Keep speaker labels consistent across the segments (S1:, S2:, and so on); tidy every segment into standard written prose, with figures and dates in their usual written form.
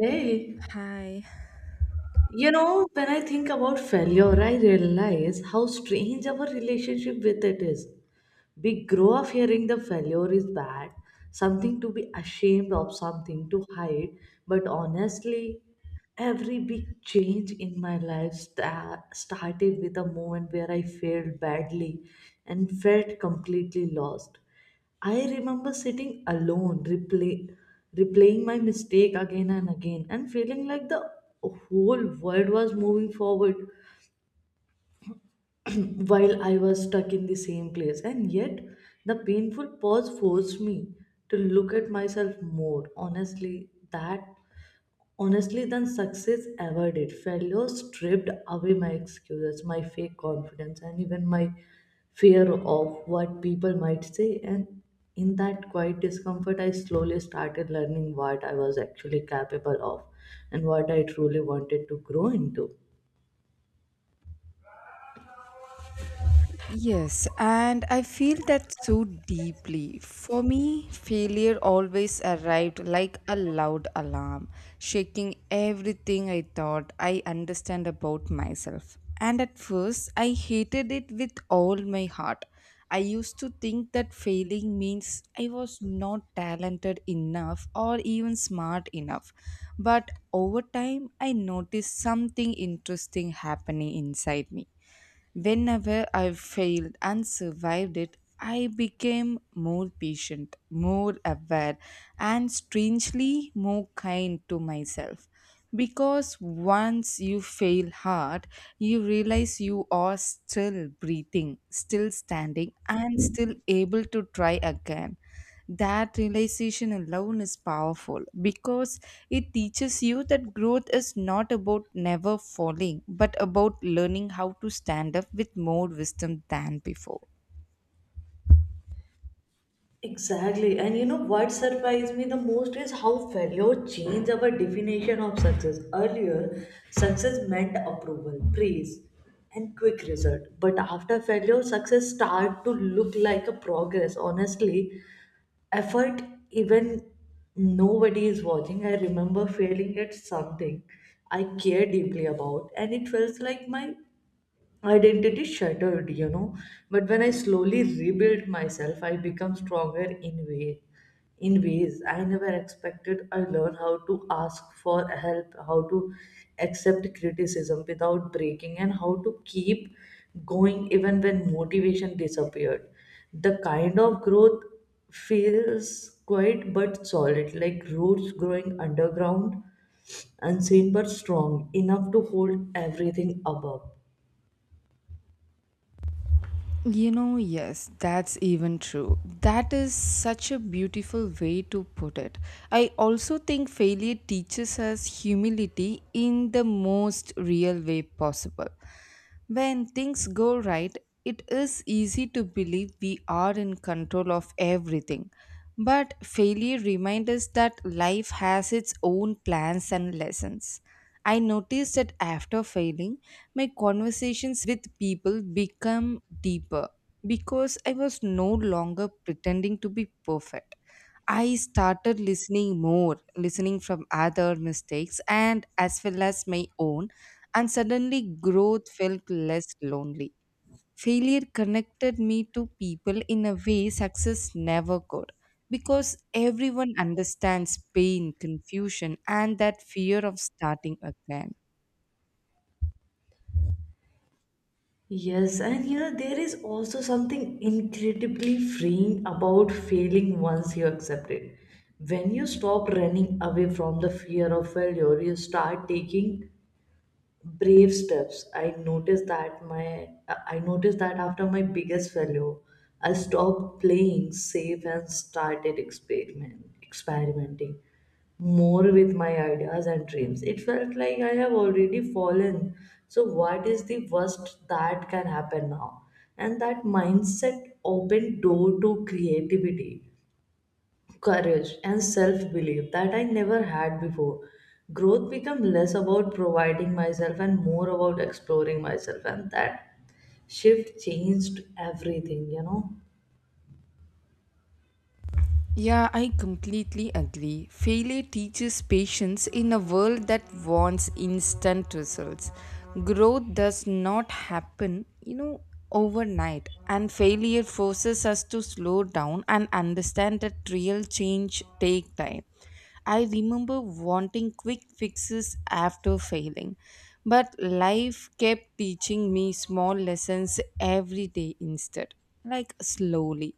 S1: Hey,
S2: Hi.
S1: you know, when I think about failure, I realize how strange our relationship with it is. We grow up hearing the failure is bad, something to be ashamed of, something to hide. But honestly, every big change in my life started with a moment where I failed badly and felt completely lost. I remember sitting alone, replaying my mistake again and again, and feeling like the whole world was moving forward while I was stuck in the same place. And yet, the painful pause forced me to look at myself more honestly than success ever did. Failure stripped away my excuses, my fake confidence, and even my fear of what people might say. And in that quiet discomfort, I slowly started learning what I was actually capable of and what I truly wanted to grow into.
S2: Yes, and I feel that so deeply. For me, failure always arrived like a loud alarm, shaking everything I thought I understand about myself. And at first, I hated it with all my heart. I used to think that failing means I was not talented enough or even smart enough. But over time, I noticed something interesting happening inside me. Whenever I failed and survived it, I became more patient, more aware, and strangely more kind to myself. Because once you fail hard, you realize you are still breathing, still standing, and still able to try again. That realization alone is powerful because it teaches you that growth is not about never falling, but about learning how to stand up with more wisdom than before.
S1: Exactly. And you know what surprised me the most is how failure changed our definition of success. Earlier, success meant approval, praise, and quick result. But after failure, success started to look like a progress. Honestly, effort, even nobody is watching. I remember failing at something I care deeply about, and it felt like my identity shattered. But when I slowly rebuilt myself, I become stronger in way in ways I never expected. I learned how to ask for help, how to accept criticism without breaking, and how to keep going even when motivation disappeared. The kind of growth feels quiet but solid, like roots growing underground, unseen but strong enough to hold everything above.
S2: You know, yes, that's even true. That is such a beautiful way to put it. I also think failure teaches us humility in the most real way possible. When things go right, it is easy to believe we are in control of everything. But failure reminds us that life has its own plans and lessons. I noticed that after failing, my conversations with people become deeper because I was no longer pretending to be perfect. I started listening more, listening from other mistakes and as well as my own, and suddenly growth felt less lonely. Failure connected me to people in a way success never could because everyone understands pain, confusion, and that fear of starting again.
S1: Yes, and you know, there is also something incredibly freeing about failing once you accept it. When you stop running away from the fear of failure, you start taking brave steps. I noticed that after my biggest failure, I stopped playing safe and started experimenting more with my ideas and dreams. It felt like I have already fallen, so what is the worst that can happen now? And that mindset opened door to creativity, courage and self-belief that I never had before. Growth became less about providing myself and more about exploring myself, and that shift changed everything.
S2: Yeah, I completely agree. Failure teaches patience in a world that wants instant results. Growth does not happen, you know, overnight, and failure forces us to slow down and understand that real change take time. I remember wanting quick fixes after failing, but life kept teaching me small lessons every day instead, like slowly.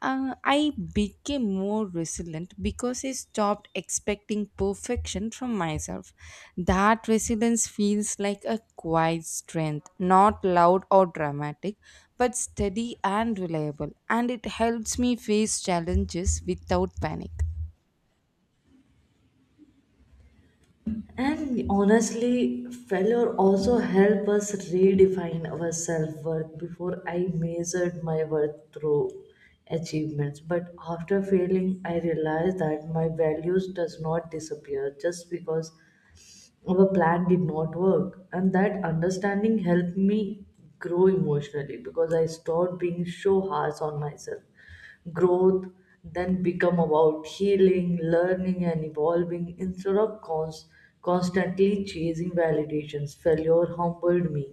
S2: I became more resilient because I stopped expecting perfection from myself. That resilience feels like a quiet strength, not loud or dramatic, but steady and reliable, and it helps me face challenges without panic.
S1: And honestly, failure also helped us redefine our self-worth. Before, I measured my worth through achievements, but after failing I realized that my values does not disappear just because our plan did not work. And that understanding helped me grow emotionally because I stopped being so harsh on myself. Growth then become about healing, learning and evolving instead of constantly chasing validations. Failure humbled me,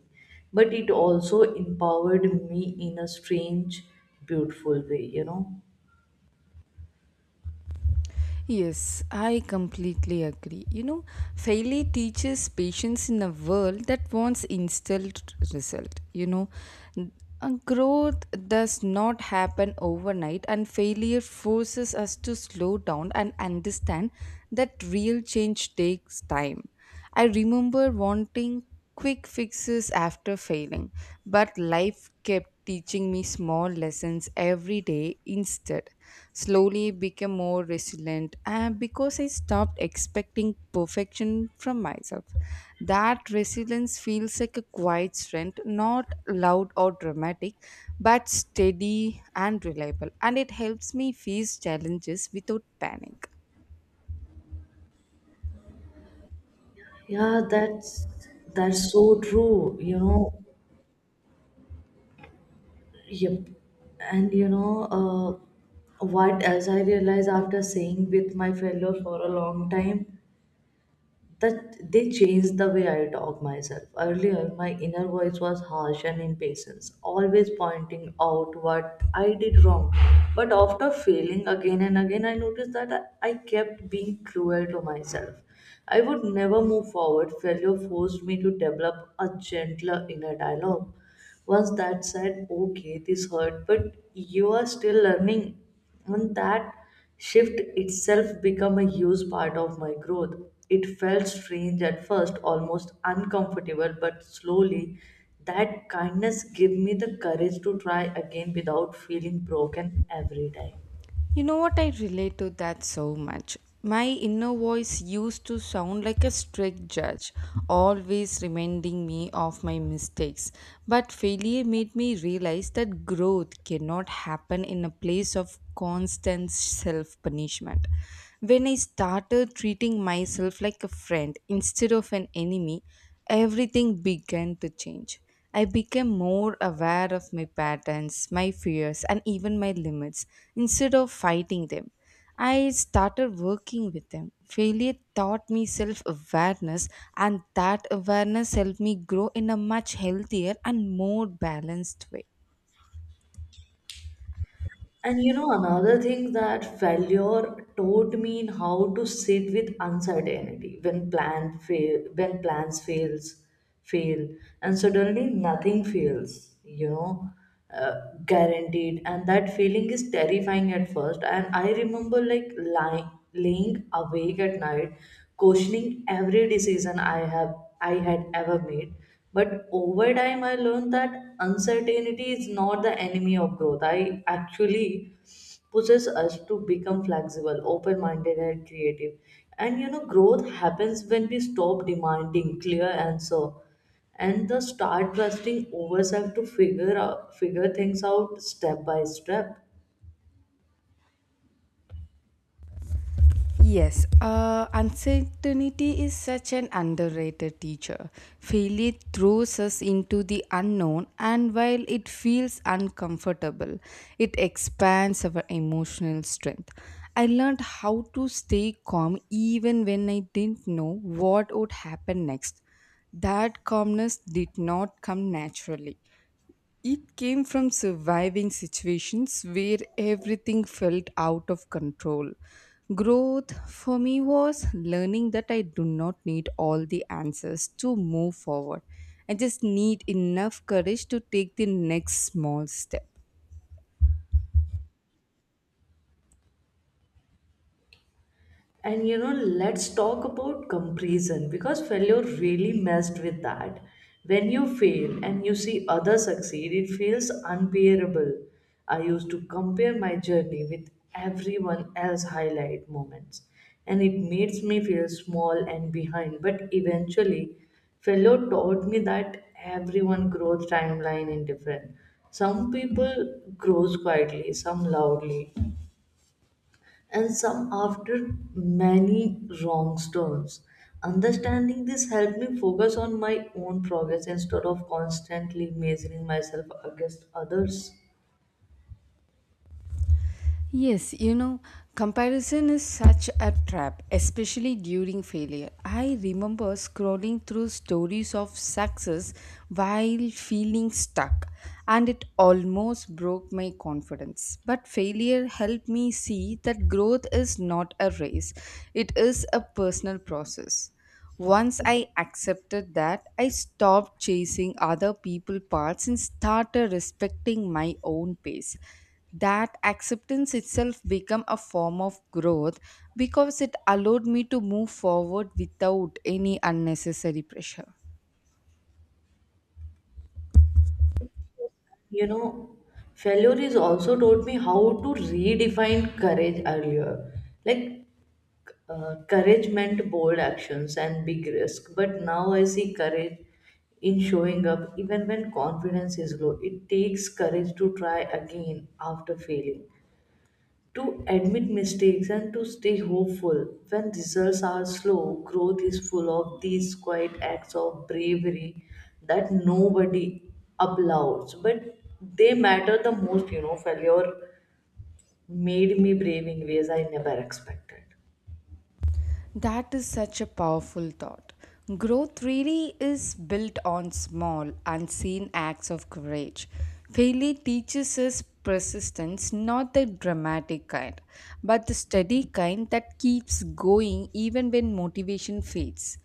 S1: but it also empowered me in a strange, beautiful way.
S2: Yes, I completely agree. You know, failure teaches patience in a world that wants instant result. You know, N- growth does not happen overnight, and failure forces us to slow down and understand that real change takes time. I remember wanting quick fixes after failing, but life kept teaching me small lessons every day instead. Slowly became more resilient and because I stopped expecting perfection from myself. That resilience feels like a quiet strength, not loud or dramatic, but steady and reliable, and it helps me face challenges without panic.
S1: Yeah, that's so true. Yep. And you know, what else I realized after staying with my fellow for a long time, that they changed the way I talk myself. Earlier, my inner voice was harsh and impatient, always pointing out what I did wrong. But after failing again and again, I noticed that I kept being cruel to myself. I would never move forward. Failure forced me to develop a gentler inner dialogue. Once that said, okay, this hurt, but you are still learning. And that shift itself become a huge part of my growth. It felt strange at first, almost uncomfortable, but slowly that kindness gave me the courage to try again without feeling broken every time.
S2: You know what? I relate to that so much. My inner voice used to sound like a strict judge, always reminding me of my mistakes. But failure made me realize that growth cannot happen in a place of constant self punishment. When I started treating myself like a friend instead of an enemy, everything began to change. I became more aware of my patterns, my fears, and even my limits instead of fighting them. I started working with them. Failure taught me self awareness, and that awareness helped me grow in a much healthier and more balanced way.
S1: And you know, another thing that failure taught me in how to sit with uncertainty when when fail, and suddenly nothing fails. You know, uh, guaranteed, and that feeling is terrifying at first. And I remember like laying awake at night, questioning every decision I had ever made. But over time, I learned that uncertainty is not the enemy of growth. I actually pushes us to become flexible, open minded, and creative. And you know, growth happens when we stop demanding clear answer and the start trusting ourselves to figure things out step by step.
S2: Yes, uncertainty is such an underrated teacher. Failure throws us into the unknown, and while it feels uncomfortable, it expands our emotional strength. I learned how to stay calm even when I didn't know what would happen next. That calmness did not come naturally. It came from surviving situations where everything felt out of control. Growth for me was learning that I do not need all the answers to move forward. I just need enough courage to take the next small step.
S1: And you know, let's talk about comparison because failure really messed with that. When you fail and you see others succeed, it feels unbearable. I used to compare my journey with everyone else's highlight moments, and it makes me feel small and behind. But eventually, Fellow taught me that everyone growth timeline is different. Some people grows quietly, some loudly, and some after many wrong turns. Understanding this helped me focus on my own progress instead of constantly measuring myself against others.
S2: Yes, you know, comparison is such a trap, especially during failure. I remember scrolling through stories of success while feeling stuck, and it almost broke my confidence. But failure helped me see that growth is not a race, it is a personal process. Once I accepted that, I stopped chasing other people parts and started respecting my own pace. That acceptance itself became a form of growth because it allowed me to move forward without any unnecessary pressure.
S1: You know, failure is also taught me how to redefine courage earlier. Like, courage meant bold actions and big risk, but now I see courage in showing up even when confidence is low. It takes courage to try again after failing, to admit mistakes, and to stay hopeful when results are slow. Growth is full of these quiet acts of bravery that nobody applauds, but they matter the most, you know. Failure made me brave in ways I never expected.
S2: That is such a powerful thought. Growth really is built on small, unseen acts of courage. Failure teaches us persistence, not the dramatic kind, but the steady kind that keeps going even when motivation fades.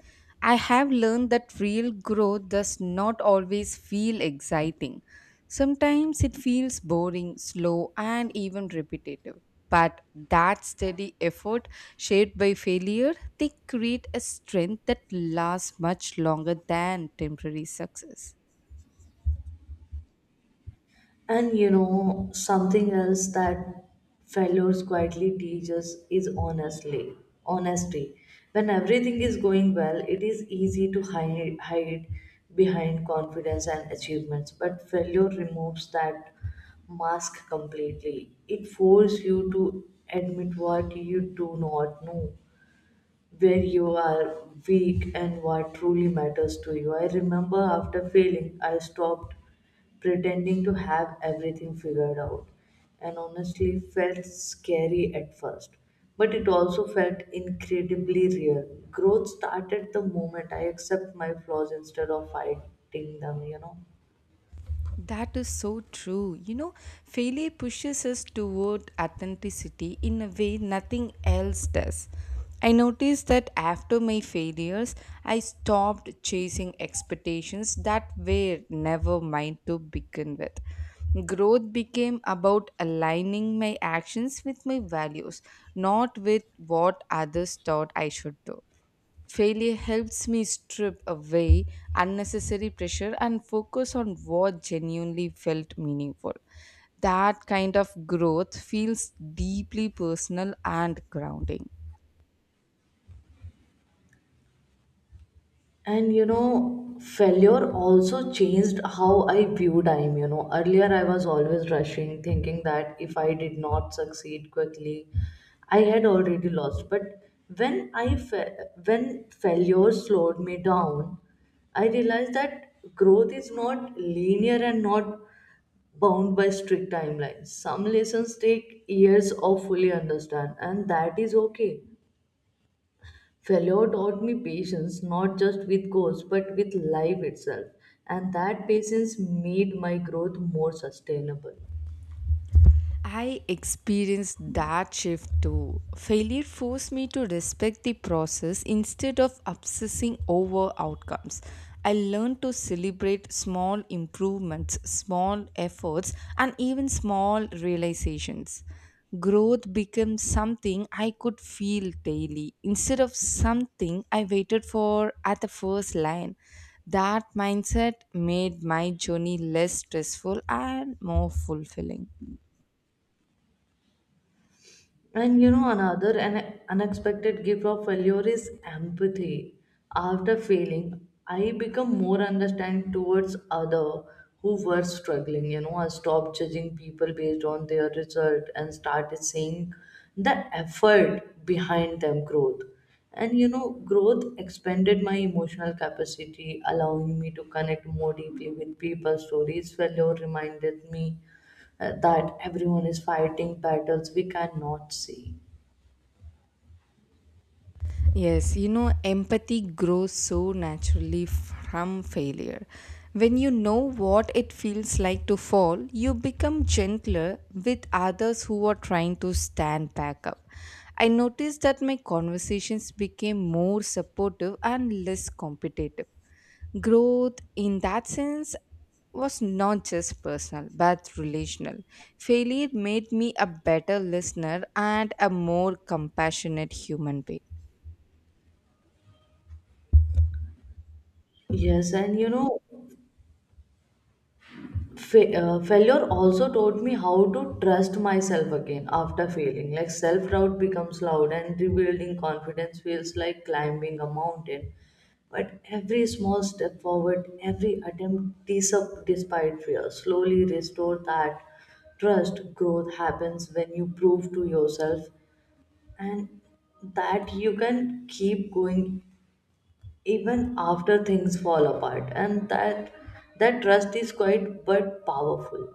S2: I have learned that real growth does not always feel exciting. Sometimes it feels boring, slow, and even repetitive. But that steady effort, shaped by failure, they create a strength that lasts much longer than temporary success.
S1: And you know, something else that failures quietly teaches is honestly honesty. When everything is going well, it is easy to hide behind confidence and achievements, but failure removes that mask completely. It forces you to admit what you do not know, where you are weak, and what truly matters to you. I remember after failing, I stopped pretending to have everything figured out, and honestly felt scary at first. But it also felt incredibly real. Growth started the moment I accept my flaws instead of fighting them, you know.
S2: That is so true. You know, failure pushes us toward authenticity in a way nothing else does. I noticed that after my failures, I stopped chasing expectations that were never mine to begin with. Growth became about aligning my actions with my values, not with what others thought I should do. Failure helps me strip away unnecessary pressure and focus on what genuinely felt meaningful. That kind of growth feels deeply personal and grounding.
S1: And you know, failure also changed how I view time, you know. Earlier, I was always rushing, thinking that if I did not succeed quickly I had already lost. But when i fa- when failure slowed me down, I realized that growth is not linear and not bound by strict timelines. Some lessons take years of fully understand, and that is okay. Fellow taught me patience, not just with goals but with life itself, and that patience made my growth more sustainable.
S2: I experienced that shift too. Failure forced me to respect the process instead of obsessing over outcomes. I learned to celebrate small improvements, small efforts, and even small realizations. Growth became something I could feel daily instead of something I waited for at the first line. That mindset made my journey less stressful and more fulfilling.
S1: And you know, another an unexpected gift of failure is empathy. After failing, I become more understanding towards other who were struggling. You know, I stopped judging people based on their result and started seeing the effort behind them growth. And you know, growth expanded my emotional capacity, allowing me to connect more deeply with people's stories. Failure reminded me that everyone is fighting battles we cannot see.
S2: Yes, you know, empathy grows so naturally from failure. When you know what it feels like to fall, you become gentler with others who are trying to stand back up. I noticed that my conversations became more supportive and less competitive. Growth, in that sense, was not just personal but relational. Failure made me a better listener and a more compassionate human being.
S1: Yes, and you know, failure also taught me how to trust myself again after failing. Like self doubt becomes loud, and rebuilding confidence feels like climbing a mountain. But every small step forward, every attempt despite fear, slowly restore that trust. Growth happens when you prove to yourself and that you can keep going even after things fall apart, and that trust is quite but powerful.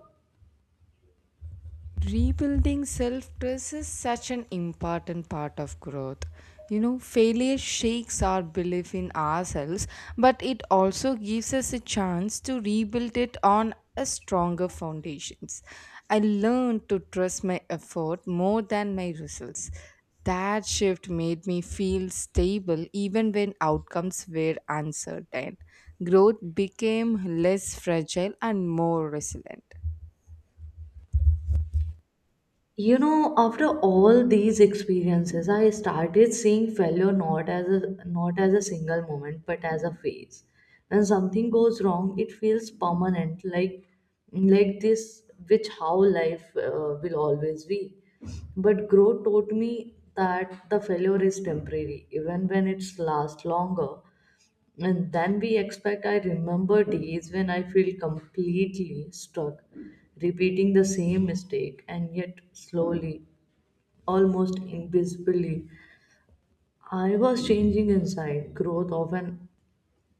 S2: Rebuilding self trust is such an important part of growth. You know, failure shakes our belief in ourselves, but it also gives us a chance to rebuild it on a stronger foundations. I learned to trust my effort more than my results. That shift made me feel stable even when outcomes were uncertain. Growth became less fragile and more resilient.
S1: You know, after all these experiences, I started seeing failure not as a single moment, but as a phase. When something goes wrong, it feels permanent, like this which how life will always be. But growth taught me that the failure is temporary, even when it's last longer and then we expect. I remember days when I feel completely stuck, repeating the same mistake, and yet slowly, almost invisibly, I was changing inside. Growth often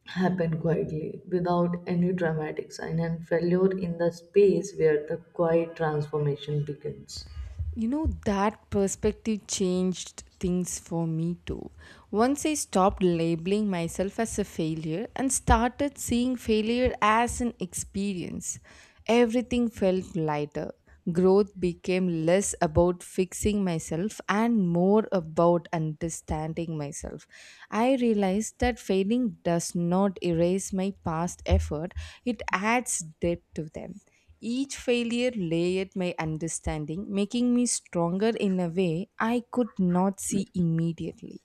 S1: happened quietly, without any dramatic sign, and failure in the space where the quiet transformation begins.
S2: You know, that perspective changed things for me too. Once I stopped labeling myself as a failure and started seeing failure as an experience, everything felt lighter. Growth became less about fixing myself and more about understanding myself. I realized that failing does not erase my past effort, it adds depth to them. Each failure layered my understanding, making me stronger in a way I could not see immediately.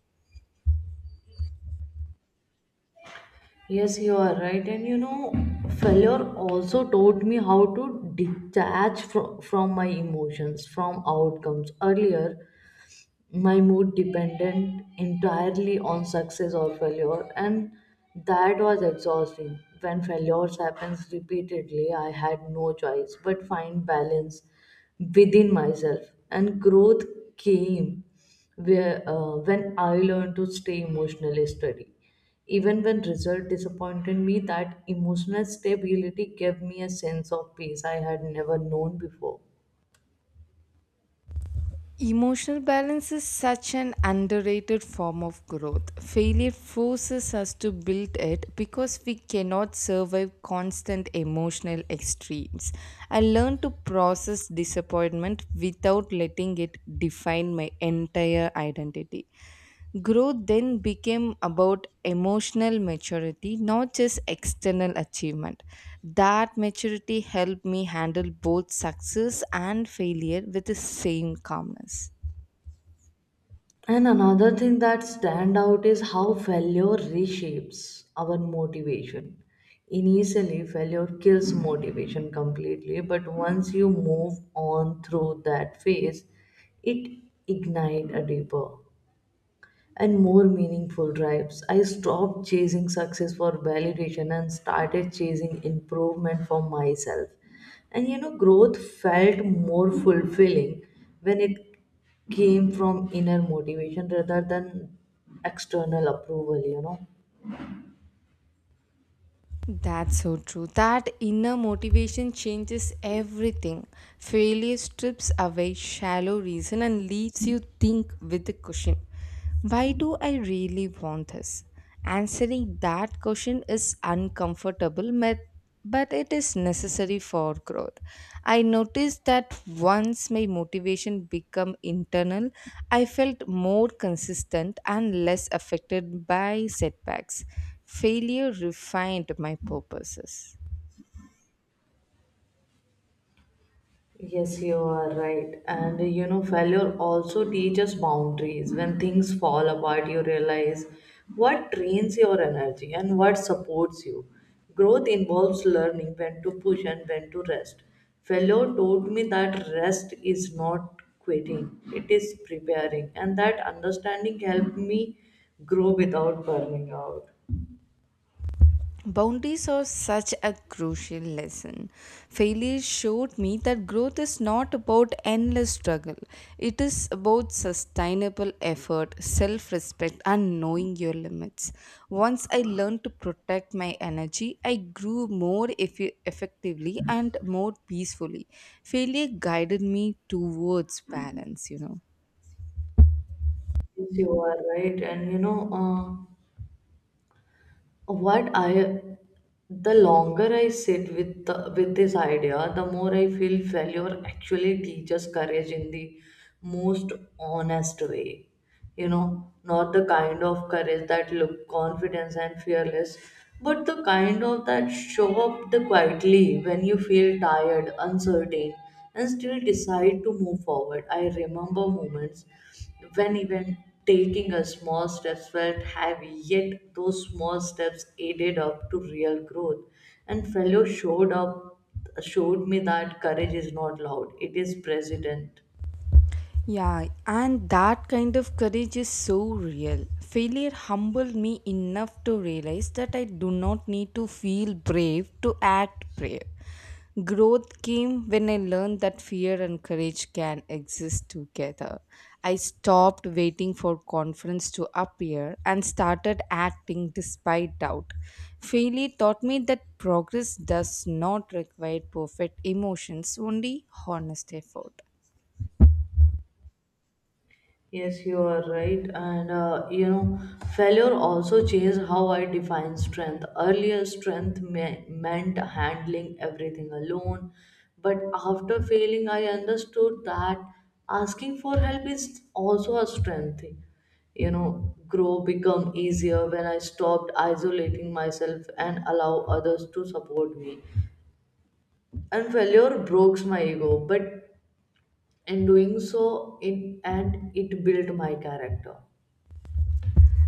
S1: Yes, you are right. And you know, failure also taught me how to detach from my emotions, from outcomes. Earlier, my mood dependent entirely on success or failure, and that was exhausting. When failures happens repeatedly, I had no choice but find balance within myself, and growth came where when I learned to stay emotionally steady even when result disappointed me. That emotional stability gave me a sense of peace I had never known before.
S2: Emotional balance is such an underrated form of growth. Failure forces us to build it because we cannot survive constant emotional extremes. I learned to process disappointment without letting it define my entire identity. Growth then became about emotional maturity, not just external achievement. That maturity helped me handle both success and failure with the same calmness.
S1: And another thing that stand out is how failure reshapes our motivation. Initially, failure kills motivation completely, but once you move on through that phase, it ignites a deeper and more meaningful drives. I stopped chasing success for validation and started chasing improvement for myself. And you know, growth felt more fulfilling when it came from inner motivation rather than external approval, you know.
S2: That's so true. That inner motivation changes everything. Failure strips away shallow reason and leaves you think with a cushion. Why do I really want this? Answering that question is uncomfortable, but it is necessary for growth. I noticed that once my motivation became internal, I felt more consistent and less affected by setbacks. Failure refined my purposes.
S1: Yes, you are right. And you know, failure also teaches boundaries. When things fall apart, you realize what drains your energy and what supports you. Growth involves learning when to push and when to rest. Failure taught me that rest is not quitting, it is preparing. And that understanding helped me grow without burning out.
S2: Boundaries are such a crucial lesson. Failure showed me that growth is not about endless struggle. It is about sustainable effort, self respect, and knowing your limits. Once I learned to protect my energy, I grew more effectively and more peacefully. Failure guided me towards balance, you know.
S1: Yes, you are right. And you know, what I the longer I sit with with this idea, the more I feel failure actually teaches courage in the most honest way. You know, not the kind of courage that look confidence and fearless, but the kind of that show up the quietly when you feel tired, uncertain, and still decide to move forward. I remember moments when even taking a small steps felt heavy, yet those small steps added up to real growth, and failure showed me that courage is not loud, it is present.
S2: Yeah, and that kind of courage is so real. Failure humbled me enough to realize that I do not need to feel brave to act brave. Growth came when I learned that fear and courage can exist together. I stopped waiting for confidence to appear and started acting despite doubt. Failure taught me that progress does not require perfect emotions, only honest effort.
S1: Yes, you are right. And failure also changed how I define strength. Earlier, meant handling everything alone. But after failing, I understood that asking for help is also a strength. Thing. You know, grow become easier when I stopped isolating myself and allow others to support me. And failure broke my ego, but in doing so, it built my character.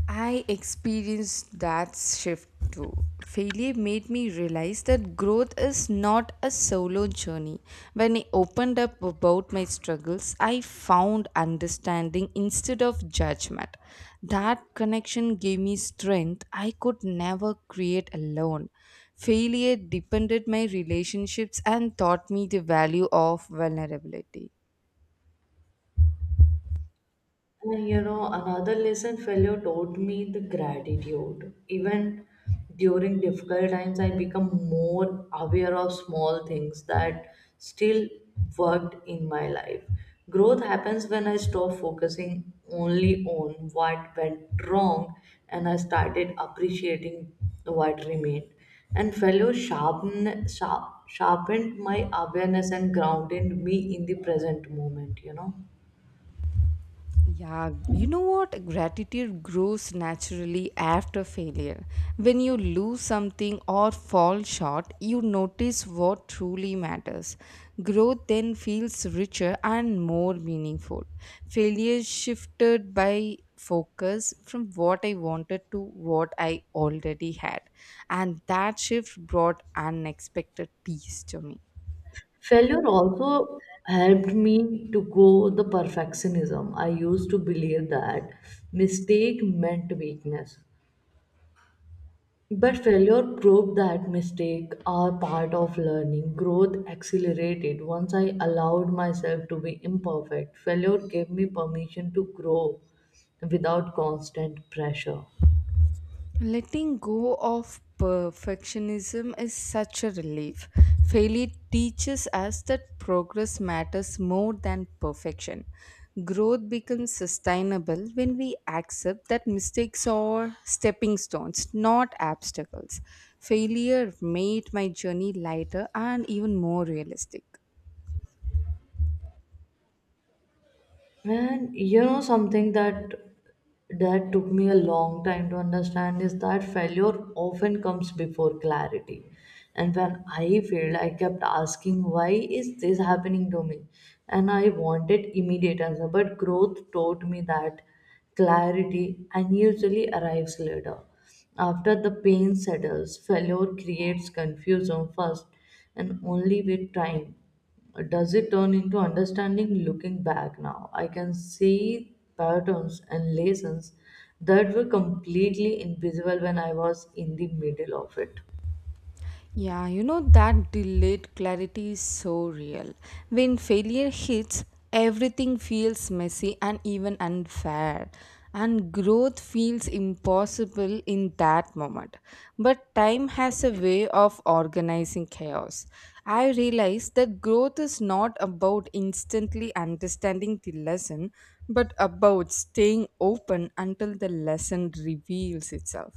S2: I experienced that shift too. Failure made me realize that growth is not a solo journey. When I opened up about my struggles, I found understanding instead of judgment. That connection gave me strength I could never create alone. Failure deepened my relationships and taught me the value of vulnerability.
S1: And you know, another lesson failure taught me the gratitude. Even during difficult times, I become more aware of small things that still worked in my life. Growth happens when I stop focusing only on what went wrong and I started appreciating what remained. And sharpened my awareness and grounded me in the present moment, you know.
S2: Yeah, you know what? Gratitude grows naturally after failure. When you lose something or fall short, you notice what truly matters. Growth then feels richer and more meaningful. Failure shifted by focus from what I wanted to what I already had, and that shift brought unexpected peace to me.
S1: Failure also helped me to go the perfectionism. I used to believe that mistake meant weakness. But failure proved that mistakes are part of learning. Growth accelerated once I allowed myself to be imperfect. Failure gave me permission to grow without constant pressure.
S2: Letting go of perfectionism is such a relief. Failure teaches us that progress matters more than perfection. Growth becomes sustainable when we accept that mistakes are stepping stones, not obstacles. Failure made my journey lighter and even more realistic.
S1: And you know something that took me a long time to understand is that failure often comes before clarity. And when I failed, I kept asking, why is this happening to me? And I wanted immediate answer. But growth taught me that clarity unusually arrives later. After the pain settles, failure creates confusion first and only with time. Does it turn into understanding? Looking back now, I can see patterns and lessons that were completely invisible when I was in the middle of it.
S2: Yeah, you know that delayed clarity is so real. When failure hits, everything feels messy and even unfair. And growth feels impossible in that moment. But time has a way of organizing chaos. I realized that growth is not about instantly understanding the lesson, but about staying open until the lesson reveals itself.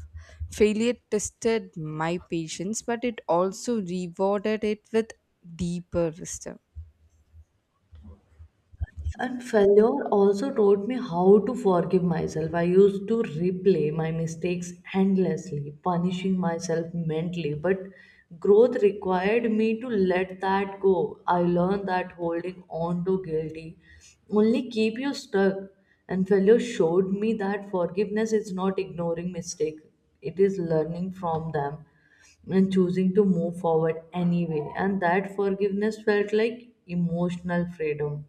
S2: Failure tested my patience, but it also rewarded it with deeper wisdom.
S1: And failure also taught me how to forgive myself. I used to replay my mistakes endlessly, punishing myself mentally. But growth required me to let that go. I learned that holding on to guilty only keep you stuck. And failure showed me that forgiveness is not ignoring mistake. It is learning from them and choosing to move forward anyway. And that forgiveness felt like emotional freedom.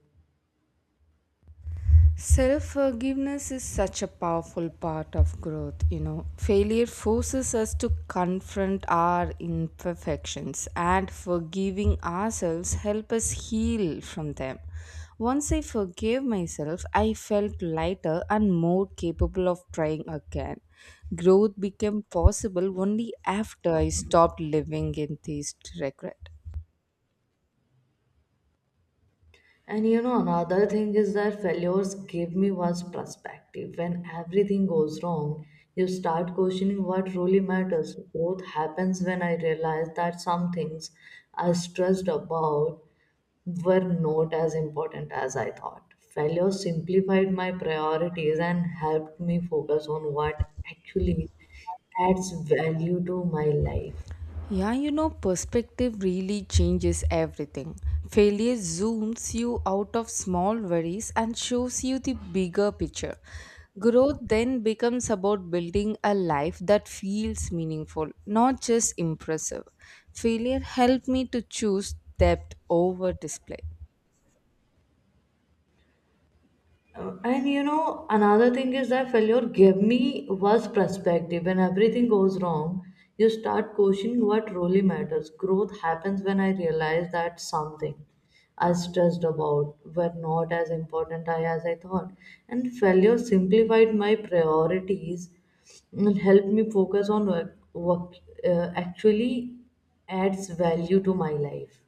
S2: Self forgiveness is such a powerful part of growth, you know. Failure forces us to confront our imperfections and forgiving ourselves help us heal from them. Once I forgave myself, I felt lighter and more capable of trying again. Growth became possible only after I stopped living in these regrets.
S1: And you know, another thing is that failures gave me was perspective. When everything goes wrong, you start questioning what really matters. Growth happens when I realized that some things I stressed about were not as important as I thought. Failure simplified my priorities and helped me focus on what actually adds value to my life.
S2: Yeah, you know, perspective really changes everything. Failure zooms you out of small worries and shows you the bigger picture. Growth then becomes about building a life that feels meaningful, not just impressive. Failure helped me to choose depth over display.
S1: And you know, another thing is that failure gave me worse perspective. When everything goes wrong, you start questioning what really matters. Growth happens when I realize that something i stressed about were not as important as I thought, and failure simplified my priorities and helped me focus on what actually adds value to my life.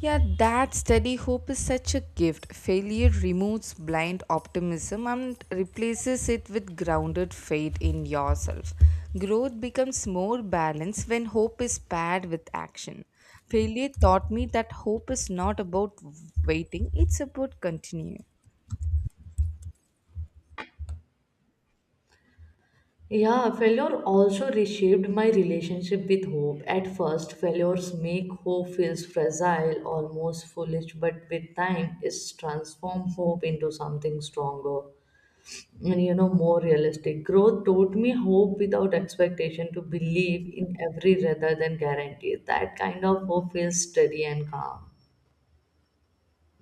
S2: Yeah, that steady hope is such a gift. Failure removes blind optimism and replaces it with grounded faith in yourself. Growth becomes more balanced when hope is paired with action. Failure taught me that hope is not about waiting, it's about continuing.
S1: Yeah, failure also reshaped my relationship with hope. At first, failures make hope feels fragile, almost foolish, but with time, it's transformed hope into something stronger and, you know, more realistic. Growth taught me hope without expectation, to believe in every rather than guarantee. That kind of hope feels steady and calm.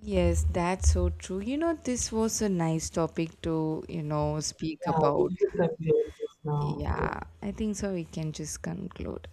S2: Yes, that's so true. You know, this was a nice topic to, you know, speak
S1: Yeah, we
S2: about.
S1: should conclude this now. Yeah.
S2: Yeah, I think so. We can just conclude.